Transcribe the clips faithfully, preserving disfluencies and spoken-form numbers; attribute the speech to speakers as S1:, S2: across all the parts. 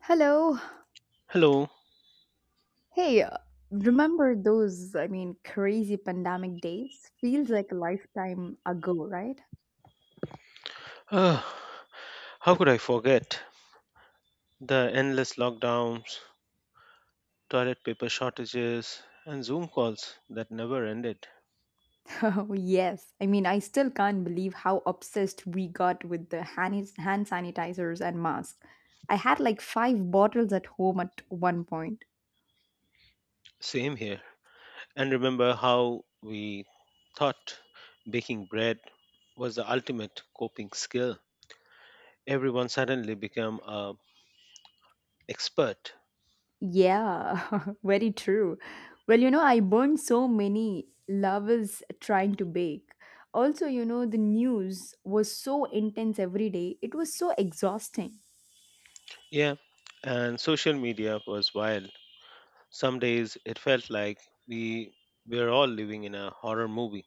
S1: Hello.
S2: Hello.
S1: Hey, uh, Remember those, I mean, crazy pandemic days? Feels like a lifetime ago, right?
S2: Ah, how could I forget the endless lockdowns, toilet paper shortages, and Zoom calls that never ended?
S1: Oh, yes. I mean, I still can't believe how obsessed we got with the hand, hand sanitizers and masks. I had like five bottles at home at one point.
S2: Same here. And remember how we thought baking bread was the ultimate coping skill. Everyone suddenly became a expert.
S1: Yeah, very true. Well, you know, I burned so many lovers trying to bake. Also, you know, the news was so intense every day, it was so exhausting.
S2: Yeah, and social media was wild. Some days it felt like we were all living in a horror movie.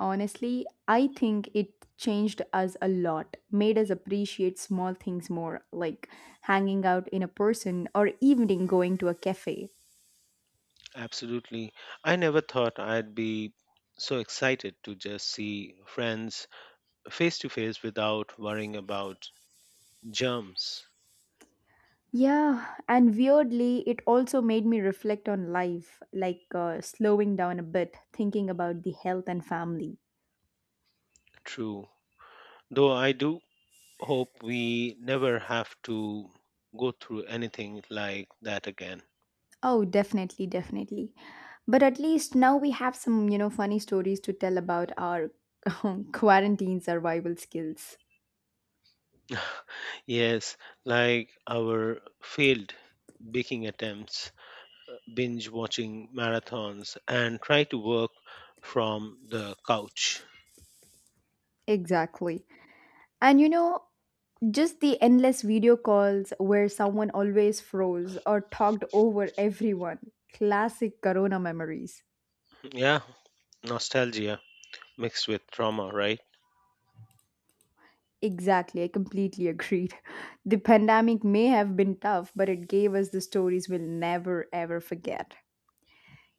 S1: Honestly, I think it changed us a lot, made us appreciate small things more, like hanging out in a person or evening going to a cafe.
S2: Absolutely. I never thought I'd be so excited to just see friends face to face without worrying about germs.
S1: Yeah, and weirdly, it also made me reflect on life, like uh, slowing down a bit, thinking about the health and family.
S2: True. Though I do hope we never have to go through anything like that again.
S1: Oh, definitely, definitely. But at least now we have some, you know, funny stories to tell about our quarantine survival skills.
S2: Yes, like our failed baking attempts, binge watching marathons, and try to work from the couch.
S1: Exactly. And you know, just the endless video calls where someone always froze or talked over everyone. Classic corona memories.
S2: Yeah, nostalgia mixed with trauma, right?
S1: Exactly, I completely agreed. The pandemic may have been tough, but it gave us the stories we'll never ever forget.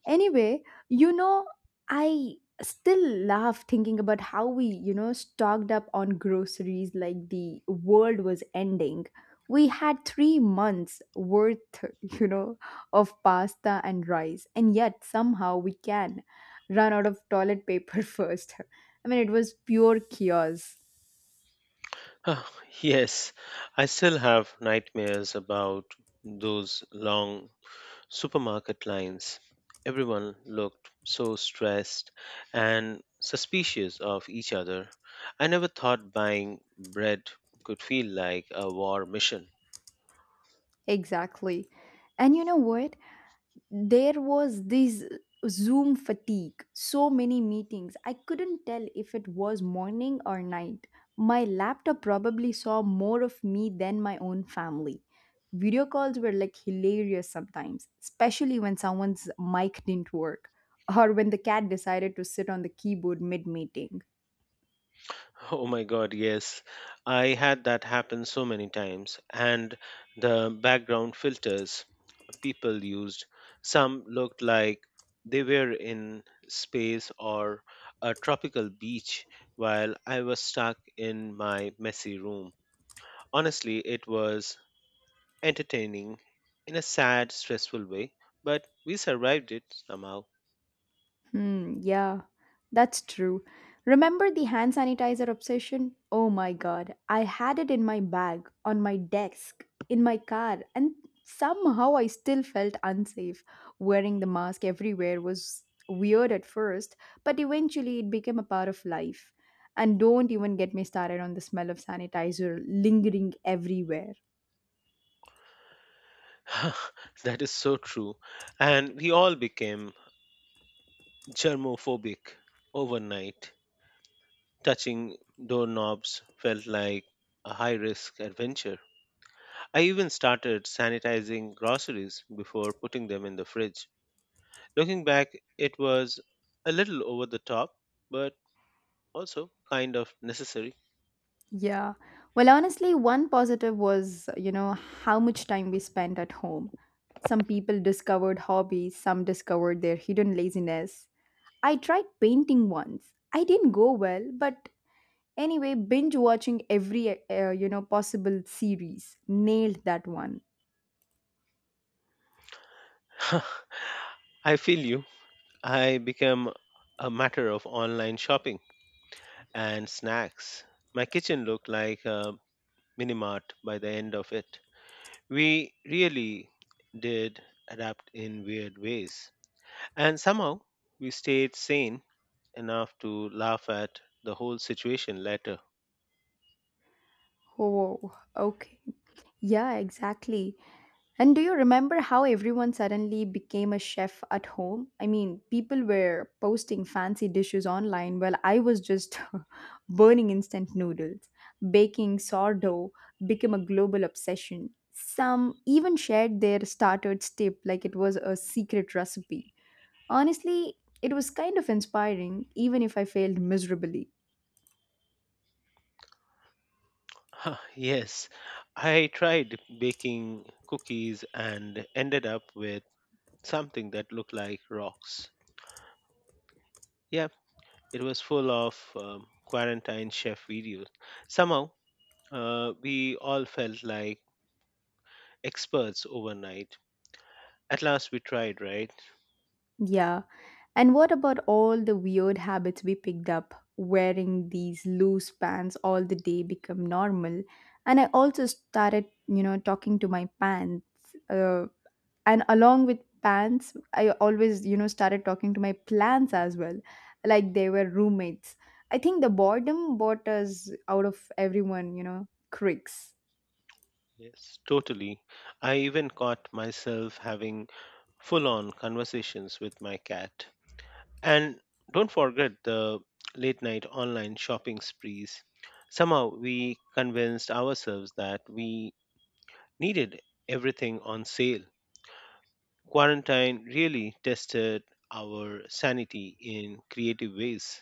S1: Anyway, you know, I still laugh thinking about how we, you know, stocked up on groceries like the world was ending. We had three months worth, you know, of pasta and rice, and yet somehow we can run out of toilet paper first. I mean, it was pure chaos.
S2: Huh, yes, I still have nightmares about those long supermarket lines. Everyone looked so stressed and suspicious of each other. I never thought buying bread could feel like a war mission.
S1: Exactly. And you know what? There was this zoom fatigue, so many meetings I couldn't tell if it was morning or night. My laptop probably saw more of me than my own family. Video calls were like hilarious sometimes, especially when someone's mic didn't work or when the cat decided to sit on the keyboard mid meeting.
S2: Oh my god, yes. I had that happen so many times, and the background filters people used. Some looked like they were in space or a tropical beach, while I was stuck in my messy room. Honestly, it was entertaining in a sad, stressful way, but we survived it somehow.
S1: Hmm, yeah, that's true. Remember the hand sanitizer obsession? Oh my god, I had it in my bag, on my desk, in my car, and somehow I still felt unsafe. Wearing the mask everywhere was weird at first, but eventually it became a part of life. And don't even get me started on the smell of sanitizer lingering everywhere.
S2: That is so true. And we all became germophobic overnight. Touching doorknobs felt like a high risk adventure. I even started sanitizing groceries before putting them in the fridge. Looking back, it was a little over the top, but also kind of necessary.
S1: Yeah. Well, honestly, one positive was you know, how much time we spent at home. Some people discovered hobbies, some discovered their hidden laziness. I tried painting once. I didn't go well, but anyway, binge watching every, uh, you know, possible series. Nailed that one.
S2: I feel you. I became a matter of online shopping and snacks. My kitchen looked like a mini mart by the end of it. We really did adapt in weird ways. And somehow we stayed sane enough to laugh at the whole situation later.
S1: Oh, okay. Yeah, exactly. And do you remember how everyone suddenly became a chef at home? I mean, people were posting fancy dishes online while I was just burning instant noodles. Baking sourdough became a global obsession. Some even shared their starter tip like it was a secret recipe. Honestly, it was kind of inspiring, even if I failed miserably.
S2: Ah, yes, I tried baking cookies and ended up with something that looked like rocks. Yep, it was full of um, quarantine chef videos. Somehow, uh, we all felt like experts overnight. At last, we tried, right?
S1: Yeah. And what about all the weird habits we picked up? Wearing these loose pants all the day become normal. And I also started, you know, talking to my pants. Uh, and along with pants, I always, you know, started talking to my plants as well, like they were roommates. I think the boredom bought us out of everyone, you know, cricks.
S2: Yes, totally. I even caught myself having full on conversations with my cat. And don't forget the late night online shopping sprees. Somehow we convinced ourselves that we needed everything on sale. Quarantine really tested our sanity in creative ways.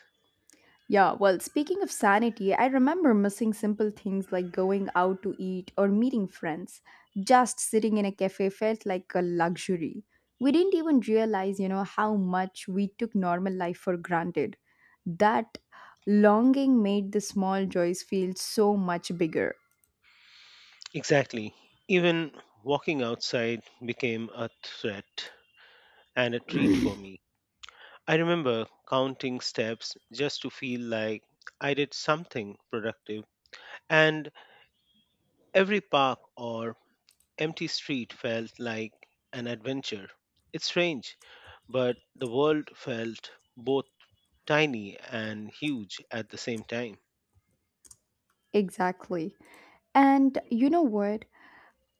S1: Yeah, well, speaking of sanity, I remember missing simple things like going out to eat or meeting friends. Just sitting in a cafe felt like a luxury. We didn't even realize, you know, how much we took normal life for granted. That longing made the small joys feel so much bigger.
S2: Exactly. Even walking outside became a threat and a treat for me. I remember counting steps just to feel like I did something productive, and every park or empty street felt like an adventure. It's strange, but the world felt both tiny and huge at the same time.
S1: Exactly. And you know what?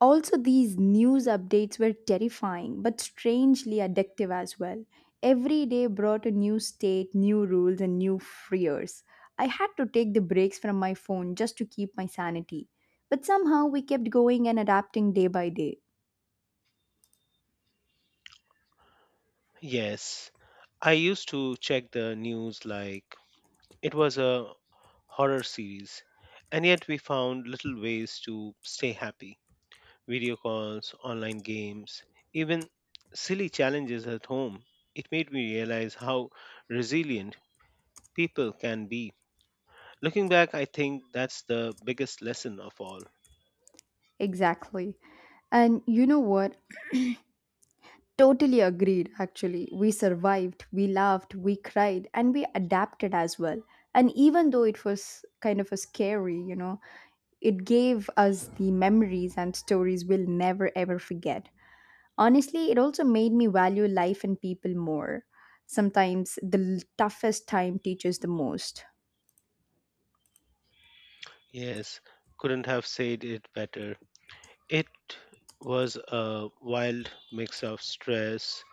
S1: Also, these news updates were terrifying but strangely addictive as well. Every day brought a new state, new rules, and new fears. I had to take the breaks from my phone just to keep my sanity. But somehow we kept going and adapting day by day.
S2: Yes, I used to check the news like it was a horror series, and yet we found little ways to stay happy. Video calls, online games, even silly challenges at home. It made me realize how resilient people can be. Looking back, I think that's the biggest lesson of all.
S1: Exactly. And you know what? Totally agreed, actually. We survived, we laughed, we cried, and we adapted as well. And even though it was kind of a scary, you know, it gave us the memories and stories we'll never ever forget. Honestly, it also made me value life and people more. Sometimes the l- toughest time teaches the most.
S2: Yes, couldn't have said it better. It was a wild mix of stress,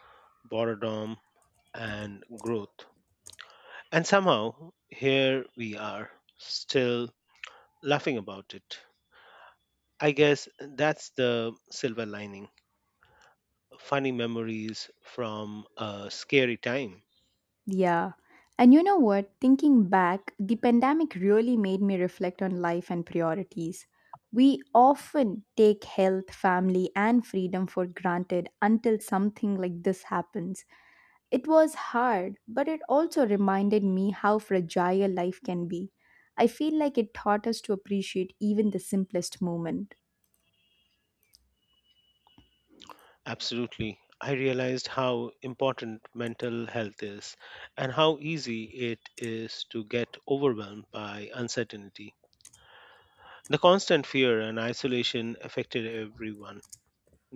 S2: boredom, and growth. And somehow, here we are, still laughing about it. I guess that's the silver lining, funny memories from a scary time.
S1: Yeah. And you know what? Thinking back, the pandemic really made me reflect on life and priorities. We often take health, family, and freedom for granted until something like this happens. It was hard, but it also reminded me how fragile life can be. I feel like it taught us to appreciate even the simplest moment.
S2: Absolutely. I realized how important mental health is and how easy it is to get overwhelmed by uncertainty. The constant fear and isolation affected everyone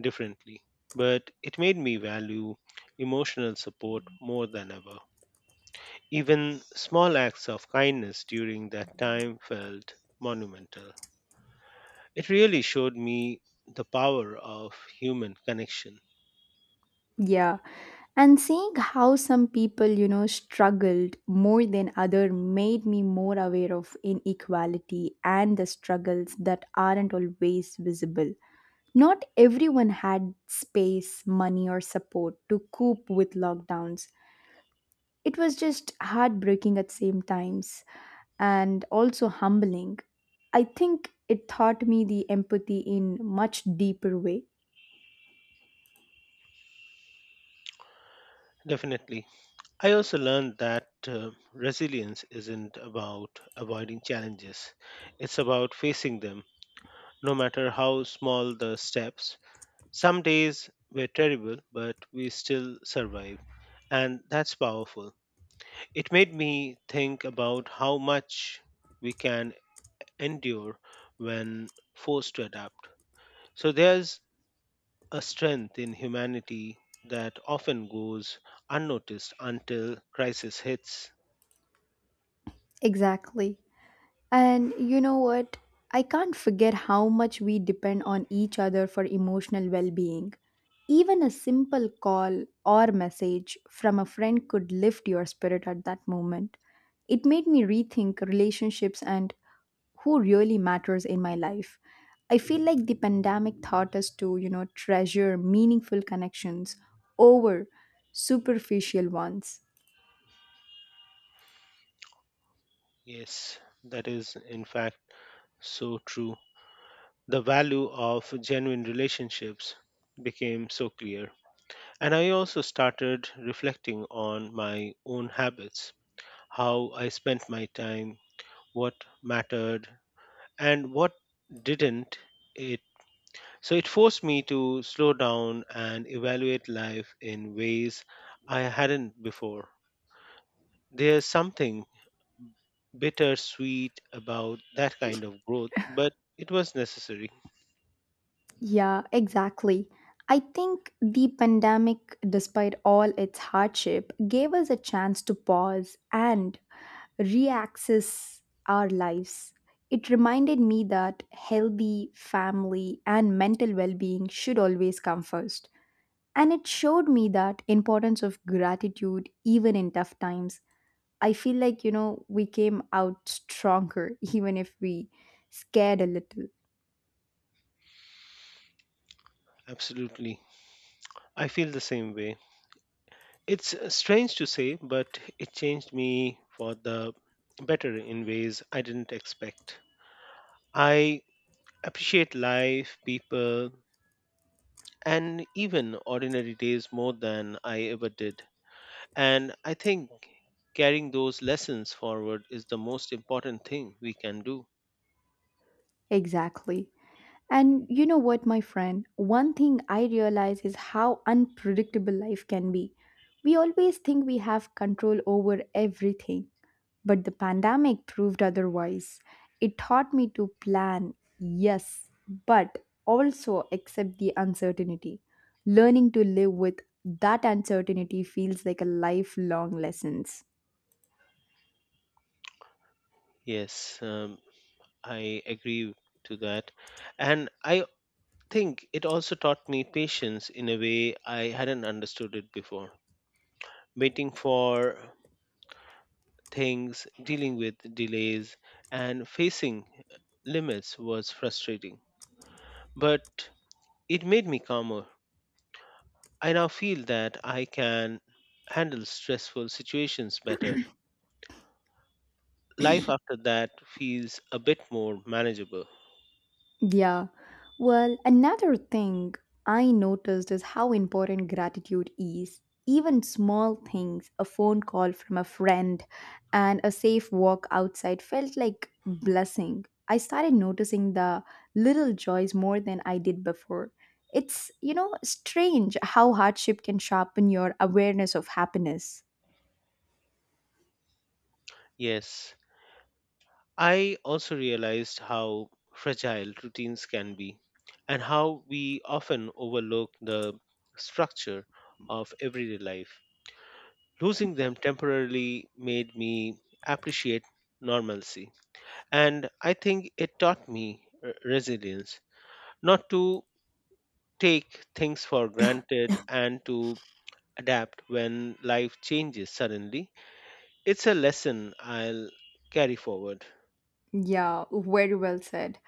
S2: differently, but it made me value emotional support more than ever. Even small acts of kindness during that time felt monumental. It really showed me the power of human connection.
S1: Yeah, and seeing how some people, you know, struggled more than other made me more aware of inequality and the struggles that aren't always visible. Not everyone had space, money or support to cope with lockdowns. It was just heartbreaking at same times and also humbling. I think it taught me the empathy in much deeper way.
S2: Definitely. I also learned that uh, resilience isn't about avoiding challenges, it's about facing them, no matter how small the steps. Some days were terrible, but we still survived, and that's powerful. It made me think about how much we can endure when forced to adapt. So there's a strength in humanity that often goes unnoticed until crisis hits.
S1: Exactly. And you know what? I can't forget how much we depend on each other for emotional well being. Even a simple call or message from a friend could lift your spirit at that moment. It made me rethink relationships and who really matters in my life. I feel like the pandemic taught us to, you know, treasure meaningful connections over superficial ones.
S2: Yes, that is in fact so true. The value of genuine relationships became so clear. And I also started reflecting on my own habits, how I spent my time, what mattered, and what didn't. It so it forced me to slow down and evaluate life in ways I hadn't before. There's something bittersweet about that kind of growth, but it was necessary.
S1: Yeah, exactly. I think the pandemic, despite all its hardship, gave us a chance to pause and reaccess our lives. It reminded me that healthy family and mental well being should always come first. And it showed me that importance of gratitude even in tough times. I feel like, you know, we came out stronger even if we scared a little.
S2: Absolutely. I feel the same way. It's uh, strange to say, but it changed me for the better in ways I didn't expect. I appreciate life, people, and even ordinary days more than I ever did. And I think carrying those lessons forward is the most important thing we can do.
S1: Exactly. And you know what, my friend? One thing I realize is how unpredictable life can be. We always think we have control over everything, but the pandemic proved otherwise. It taught me to plan, yes, but also accept the uncertainty. Learning to live with that uncertainty feels like a lifelong lesson.
S2: Yes, um, I agree to that. And I think it also taught me patience in a way I hadn't understood it before. Waiting for things, dealing with delays, and facing limits was frustrating. But it made me calmer. I now feel that I can handle stressful situations better. Life after that feels a bit more manageable.
S1: Yeah. Well, another thing I noticed is how important gratitude is. Even small things, a phone call from a friend and a safe walk outside felt like blessing. I started noticing the little joys more than I did before. It's, you know, strange how hardship can sharpen your awareness of happiness.
S2: Yes, I also realized how fragile routines can be and how we often overlook the structure of everyday life. Losing them temporarily made me appreciate normalcy. And I think it taught me uh, resilience, not to take things for granted and to adapt when life changes suddenly. It's a lesson I'll carry forward.
S1: Yeah, very well said.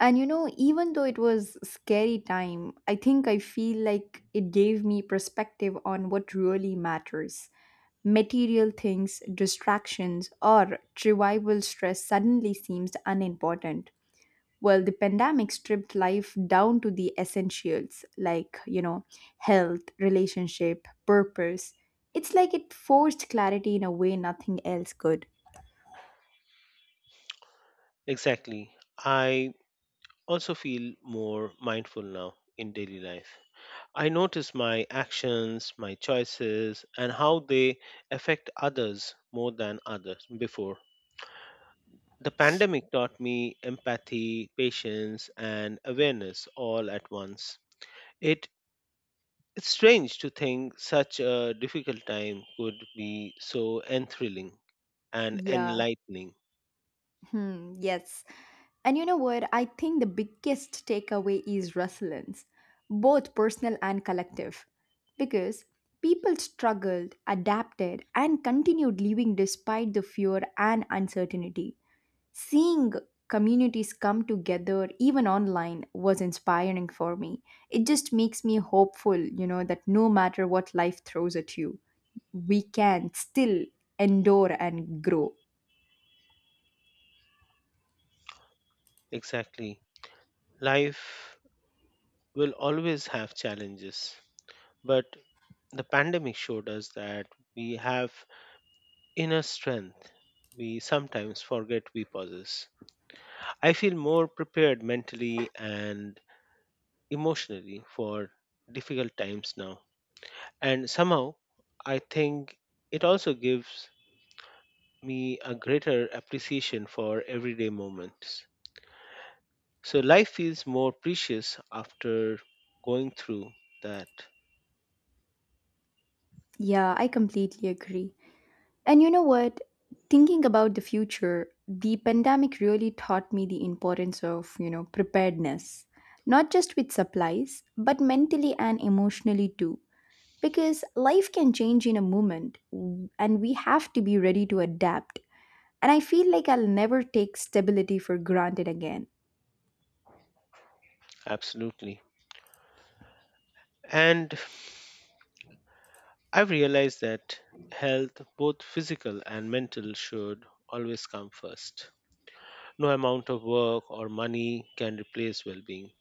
S1: And you know, even though it was scary time, I think I feel like it gave me perspective on what really matters. Material things, distractions, or trivial stress suddenly seems unimportant. Well, the pandemic stripped life down to the essentials like, you know, health, relationship, purpose. It's like it forced clarity in a way nothing else could.
S2: Exactly. I also feel more mindful now in daily life. I notice my actions, my choices, and how they affect others more than others before. The pandemic taught me empathy, patience, and awareness all at once. It it's strange to think such a difficult time could be so enthralling and
S1: Yeah.
S2: enlightening.
S1: Hmm, yes. And you know what? I think the biggest takeaway is resilience, both personal and collective, because people struggled, adapted, and continued living despite the fear and uncertainty. Seeing communities come together, even online, was inspiring for me. It just makes me hopeful, you know, that no matter what life throws at you, we can still endure and grow.
S2: Exactly. Life will always have challenges, but the pandemic showed us that we have inner strength we sometimes forget we possess. I feel more prepared mentally and emotionally for difficult times now. And somehow, I think it also gives me a greater appreciation for everyday moments. So life feels more precious after going through that.
S1: Yeah, I completely agree. And you know what? Thinking about the future, the pandemic really taught me the importance of, you know, preparedness. Not just with supplies, but mentally and emotionally too. Because life can change in a moment w- and we have to be ready to adapt. And I feel like I'll never take stability for granted again.
S2: Absolutely. And I've realized that health, both physical and mental, should always come first. No amount of work or money can replace well being.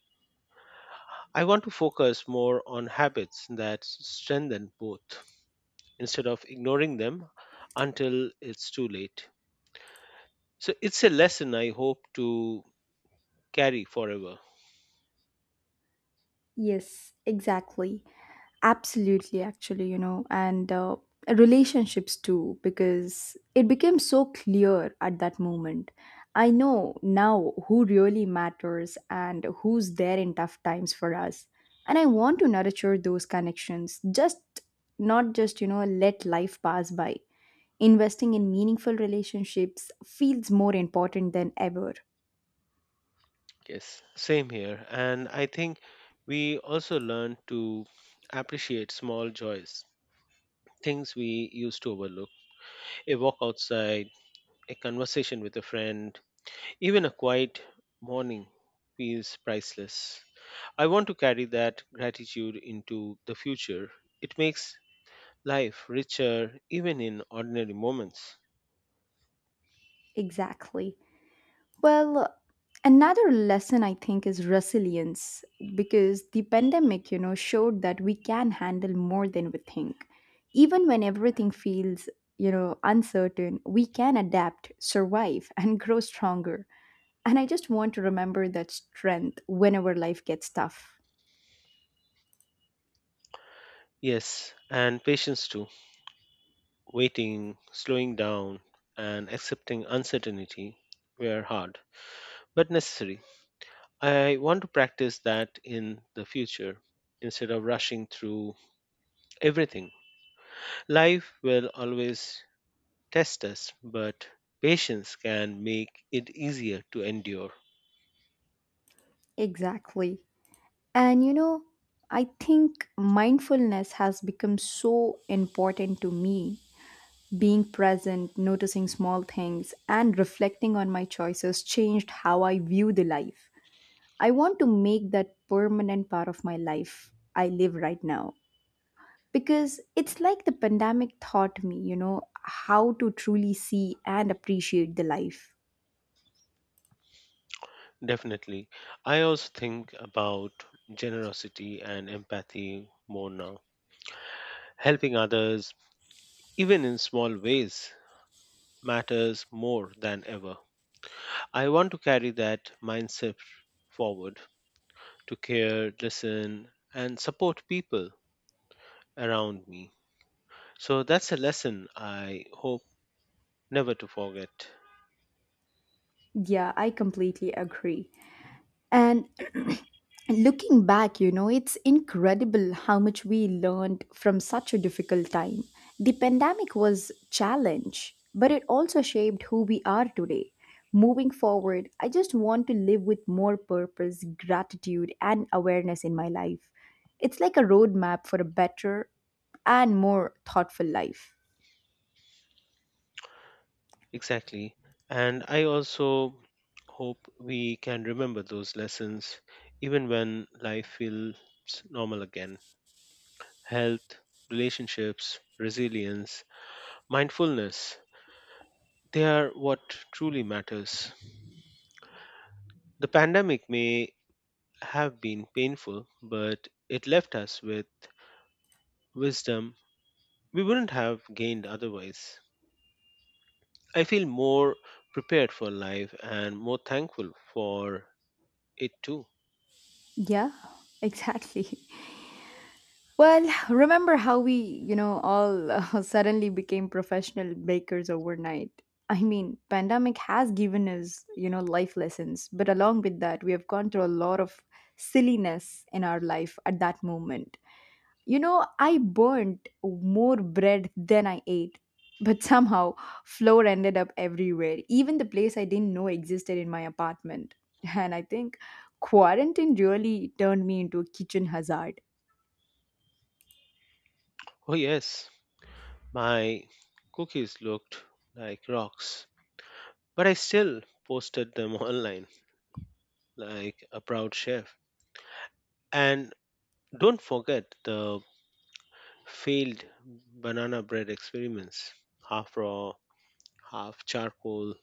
S2: I want to focus more on habits that s- strengthen both instead of ignoring them until it's too late. So it's a lesson I hope to carry forever.
S1: Yes, exactly. Absolutely, actually, you know, and uh, relationships too, because it became so clear at that moment. I know now who really matters and who's there in tough times for us. And I want to nurture those connections, just not just, you know, let life pass by. Investing in meaningful relationships feels more important than ever.
S2: Yes, same here. And I think we also learn to appreciate small joys, things we used to overlook. A walk outside, a conversation with a friend, even a quiet morning feels priceless. I want to carry that gratitude into the future. It makes life richer even in ordinary moments.
S1: Exactly. Well, another lesson I think is resilience because the pandemic, you know, showed that we can handle more than we think. Even when everything feels, you know, uncertain, we can adapt, survive, and grow stronger. And I just want to remember that strength whenever life gets tough.
S2: Yes, and patience too. Waiting, slowing down, and accepting uncertainty were hard, but necessary. I want to practice that in the future instead of rushing through everything. Life will always test us, but patience can make it easier to endure.
S1: Exactly. And, you know, I think mindfulness has become so important to me. Being present, noticing small things, and reflecting on my choices changed how I view the life. I want to make that permanent part of my life I live right now. Because it's like the pandemic taught me, you know, how to truly see and appreciate the life.
S2: Definitely. I also think about generosity and empathy more now. Helping others, even in small ways, matters more than ever. I want to carry that mindset forward to care, listen, and support people around me. So that's a lesson I hope never to forget.
S1: Yeah, I completely agree. And looking back, you know, it's incredible how much we learned from such a difficult time. The pandemic was challenge, but it also shaped who we are today. Moving forward, I just want to live with more purpose, gratitude, and awareness in my life. It's like a roadmap for a better and more thoughtful life.
S2: Exactly. And I also hope we can remember those lessons even when life feels normal again. Health, relationships, resilience, mindfulness, they are what truly matters. The pandemic may have been painful, but it left us with wisdom we wouldn't have gained otherwise. I feel more prepared for life and more thankful for it too.
S1: Yeah, exactly. Well, remember how we, you know, all uh, suddenly became professional bakers overnight? I mean, pandemic has given us, you know, life lessons, but along with that, we have gone through a lot of silliness in our life at that moment. You know, I burnt more bread than I ate, but somehow flour ended up everywhere, even the place I didn't know existed in my apartment. And I think quarantine really turned me into a kitchen hazard.
S2: Oh, yes. My cookies looked like rocks, but I still posted them online like a proud chef. And don't forget the failed banana bread experiments, half raw, half charcoal.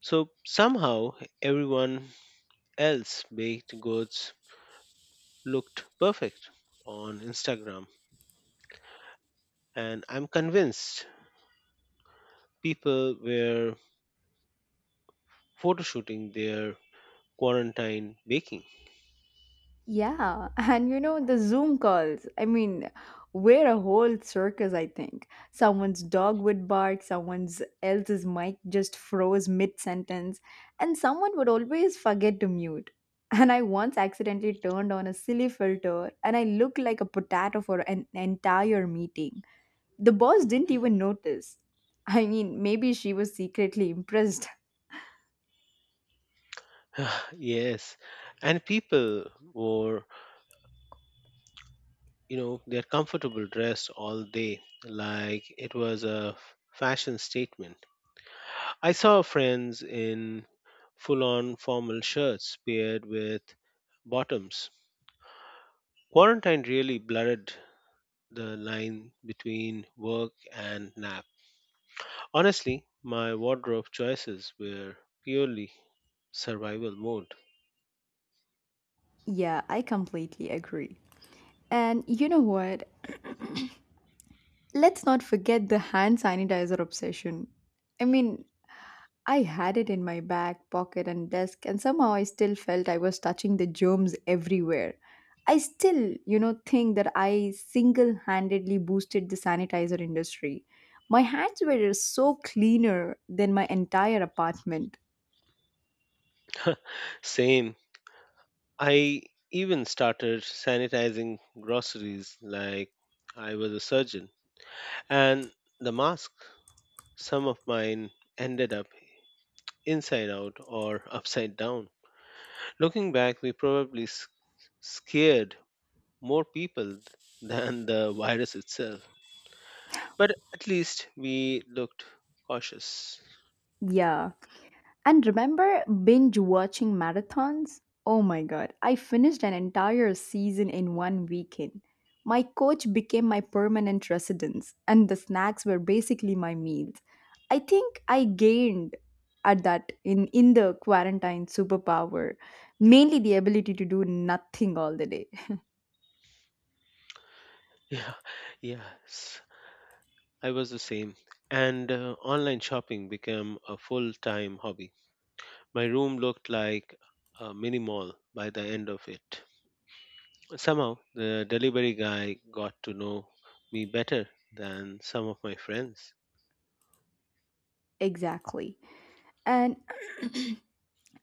S2: So somehow everyone else baked goods looked perfect on Instagram. And I'm convinced people were photoshooting their quarantine baking.
S1: Yeah, and you know, the Zoom calls. I mean, we're a whole circus, I think. Someone's dog would bark, someone's else's mic just froze mid-sentence, and someone would always forget to mute. And I once accidentally turned on a silly filter, and I looked like a potato for an entire meeting. The boss didn't even notice. I mean, maybe she was secretly impressed.
S2: Yes, and people were, you know, they're comfortable dressed all day like it was a f- fashion statement. I saw friends in full on formal shirts paired with bottoms. Quarantine really blurred the line between work and nap. Honestly, my wardrobe choices were purely survival mode.
S1: Yeah, I completely agree. And you know what? Let's not forget the hand sanitizer obsession. I mean, I had it in my back pocket and desk, and somehow I still felt I was touching the germs everywhere. I still, you know, think that I single handedly boosted the sanitizer industry. My hands were so cleaner than my entire apartment.
S2: Same. I even started sanitizing groceries like I was a surgeon. And the mask, some of mine ended up inside out or upside down. Looking back, we probably s- scared more people than the virus itself. But at least we looked cautious.
S1: Yeah. And remember binge watching marathons? Oh my god, I finished an entire season in one weekend. My coach became my permanent residence, and the snacks were basically my meals. I think I gained at that in, in the quarantine superpower, mainly the ability to do nothing all the day.
S2: Yeah, yes, I was the same. And uh, online shopping became a full time hobby. My room looked like a mini mall by the end of it. Somehow, the delivery guy got to know me better than some of my friends.
S1: Exactly. And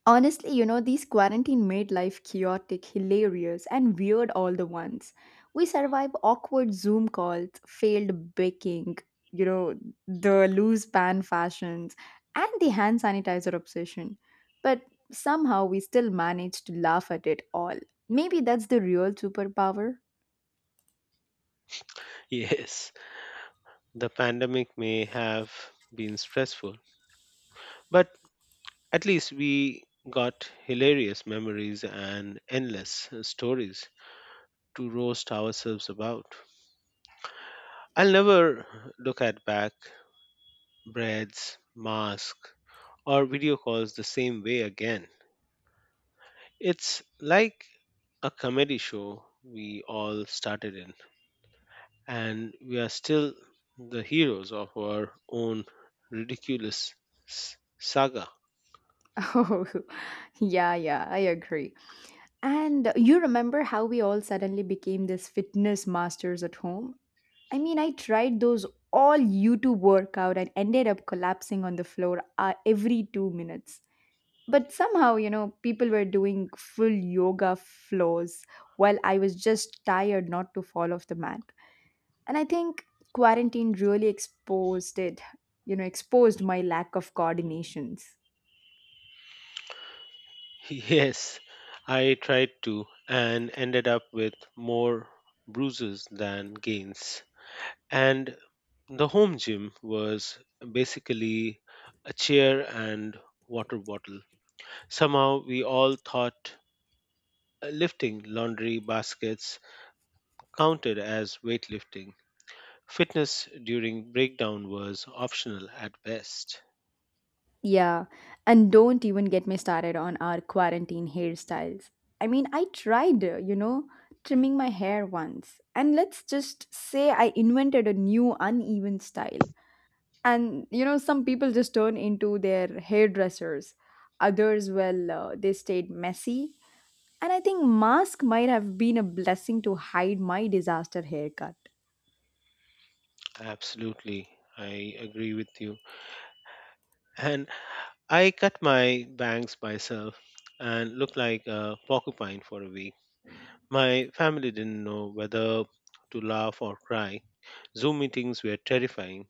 S1: honestly, you know, these quarantine made life chaotic, hilarious, and weird all the once. We survived awkward Zoom calls, failed baking, you know, the loose pan fashions, and the hand sanitizer obsession. But somehow we still managed to laugh at it all. Maybe that's the real superpower.
S2: Yes, the pandemic may have been stressful, but at least we got hilarious memories and endless uh, stories to roast ourselves about. I'll never look at back breads, masks, or video calls the same way again. It's like a comedy show we all started in, and we are still the heroes of our own ridiculous s- saga.
S1: Oh, yeah, yeah, I agree. And you remember how we all suddenly became this fitness masters at home? I mean, I tried those all YouTube workout and ended up collapsing on the floor uh, every two minutes. But somehow, you know, people were doing full yoga floors while I was just tired not to fall off the mat. And I think quarantine really exposed it, you know, exposed my lack of coordinations.
S2: Yes, I tried to and ended up with more bruises than gains. And the home gym was basically a chair and water bottle. Somehow we all thought uh, lifting laundry baskets counted as weightlifting. Fitness during breakdown was optional at best.
S1: Yeah, and don't even get me started on our quarantine hairstyles. I mean, I tried, uh, you know, trimming my hair once, and let's just say I invented a new uneven style. And, you know, some people just turn into their hairdressers, others, well, uh, they stayed messy. And I think mask might have been a blessing to hide my disaster haircut.
S2: Absolutely, I agree with you. And I cut my bangs myself and looked like a porcupine for a week. My family didn't know whether to laugh or cry. Zoom meetings were terrifying.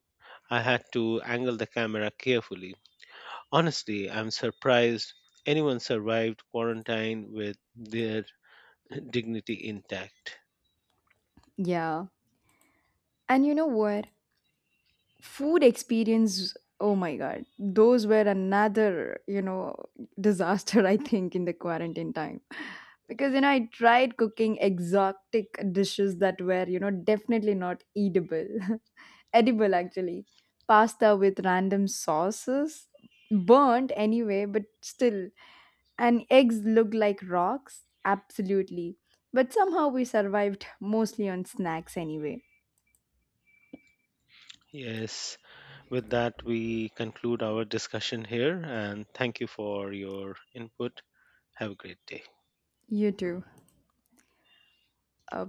S2: I had to angle the camera carefully. Honestly, I'm surprised anyone survived quarantine with their dignity intact.
S1: Yeah. And you know what? Food experience, oh my god, those were another you know disaster, I think, in the quarantine time, because you know I tried cooking exotic dishes that were you know definitely not eatable edible actually. Pasta with random sauces burnt anyway but still, and eggs looked like rocks absolutely, but somehow we survived mostly on snacks anyway.
S2: Yes, with that, we conclude our discussion here and thank you for your input. Have a great day.
S1: You too. Uh,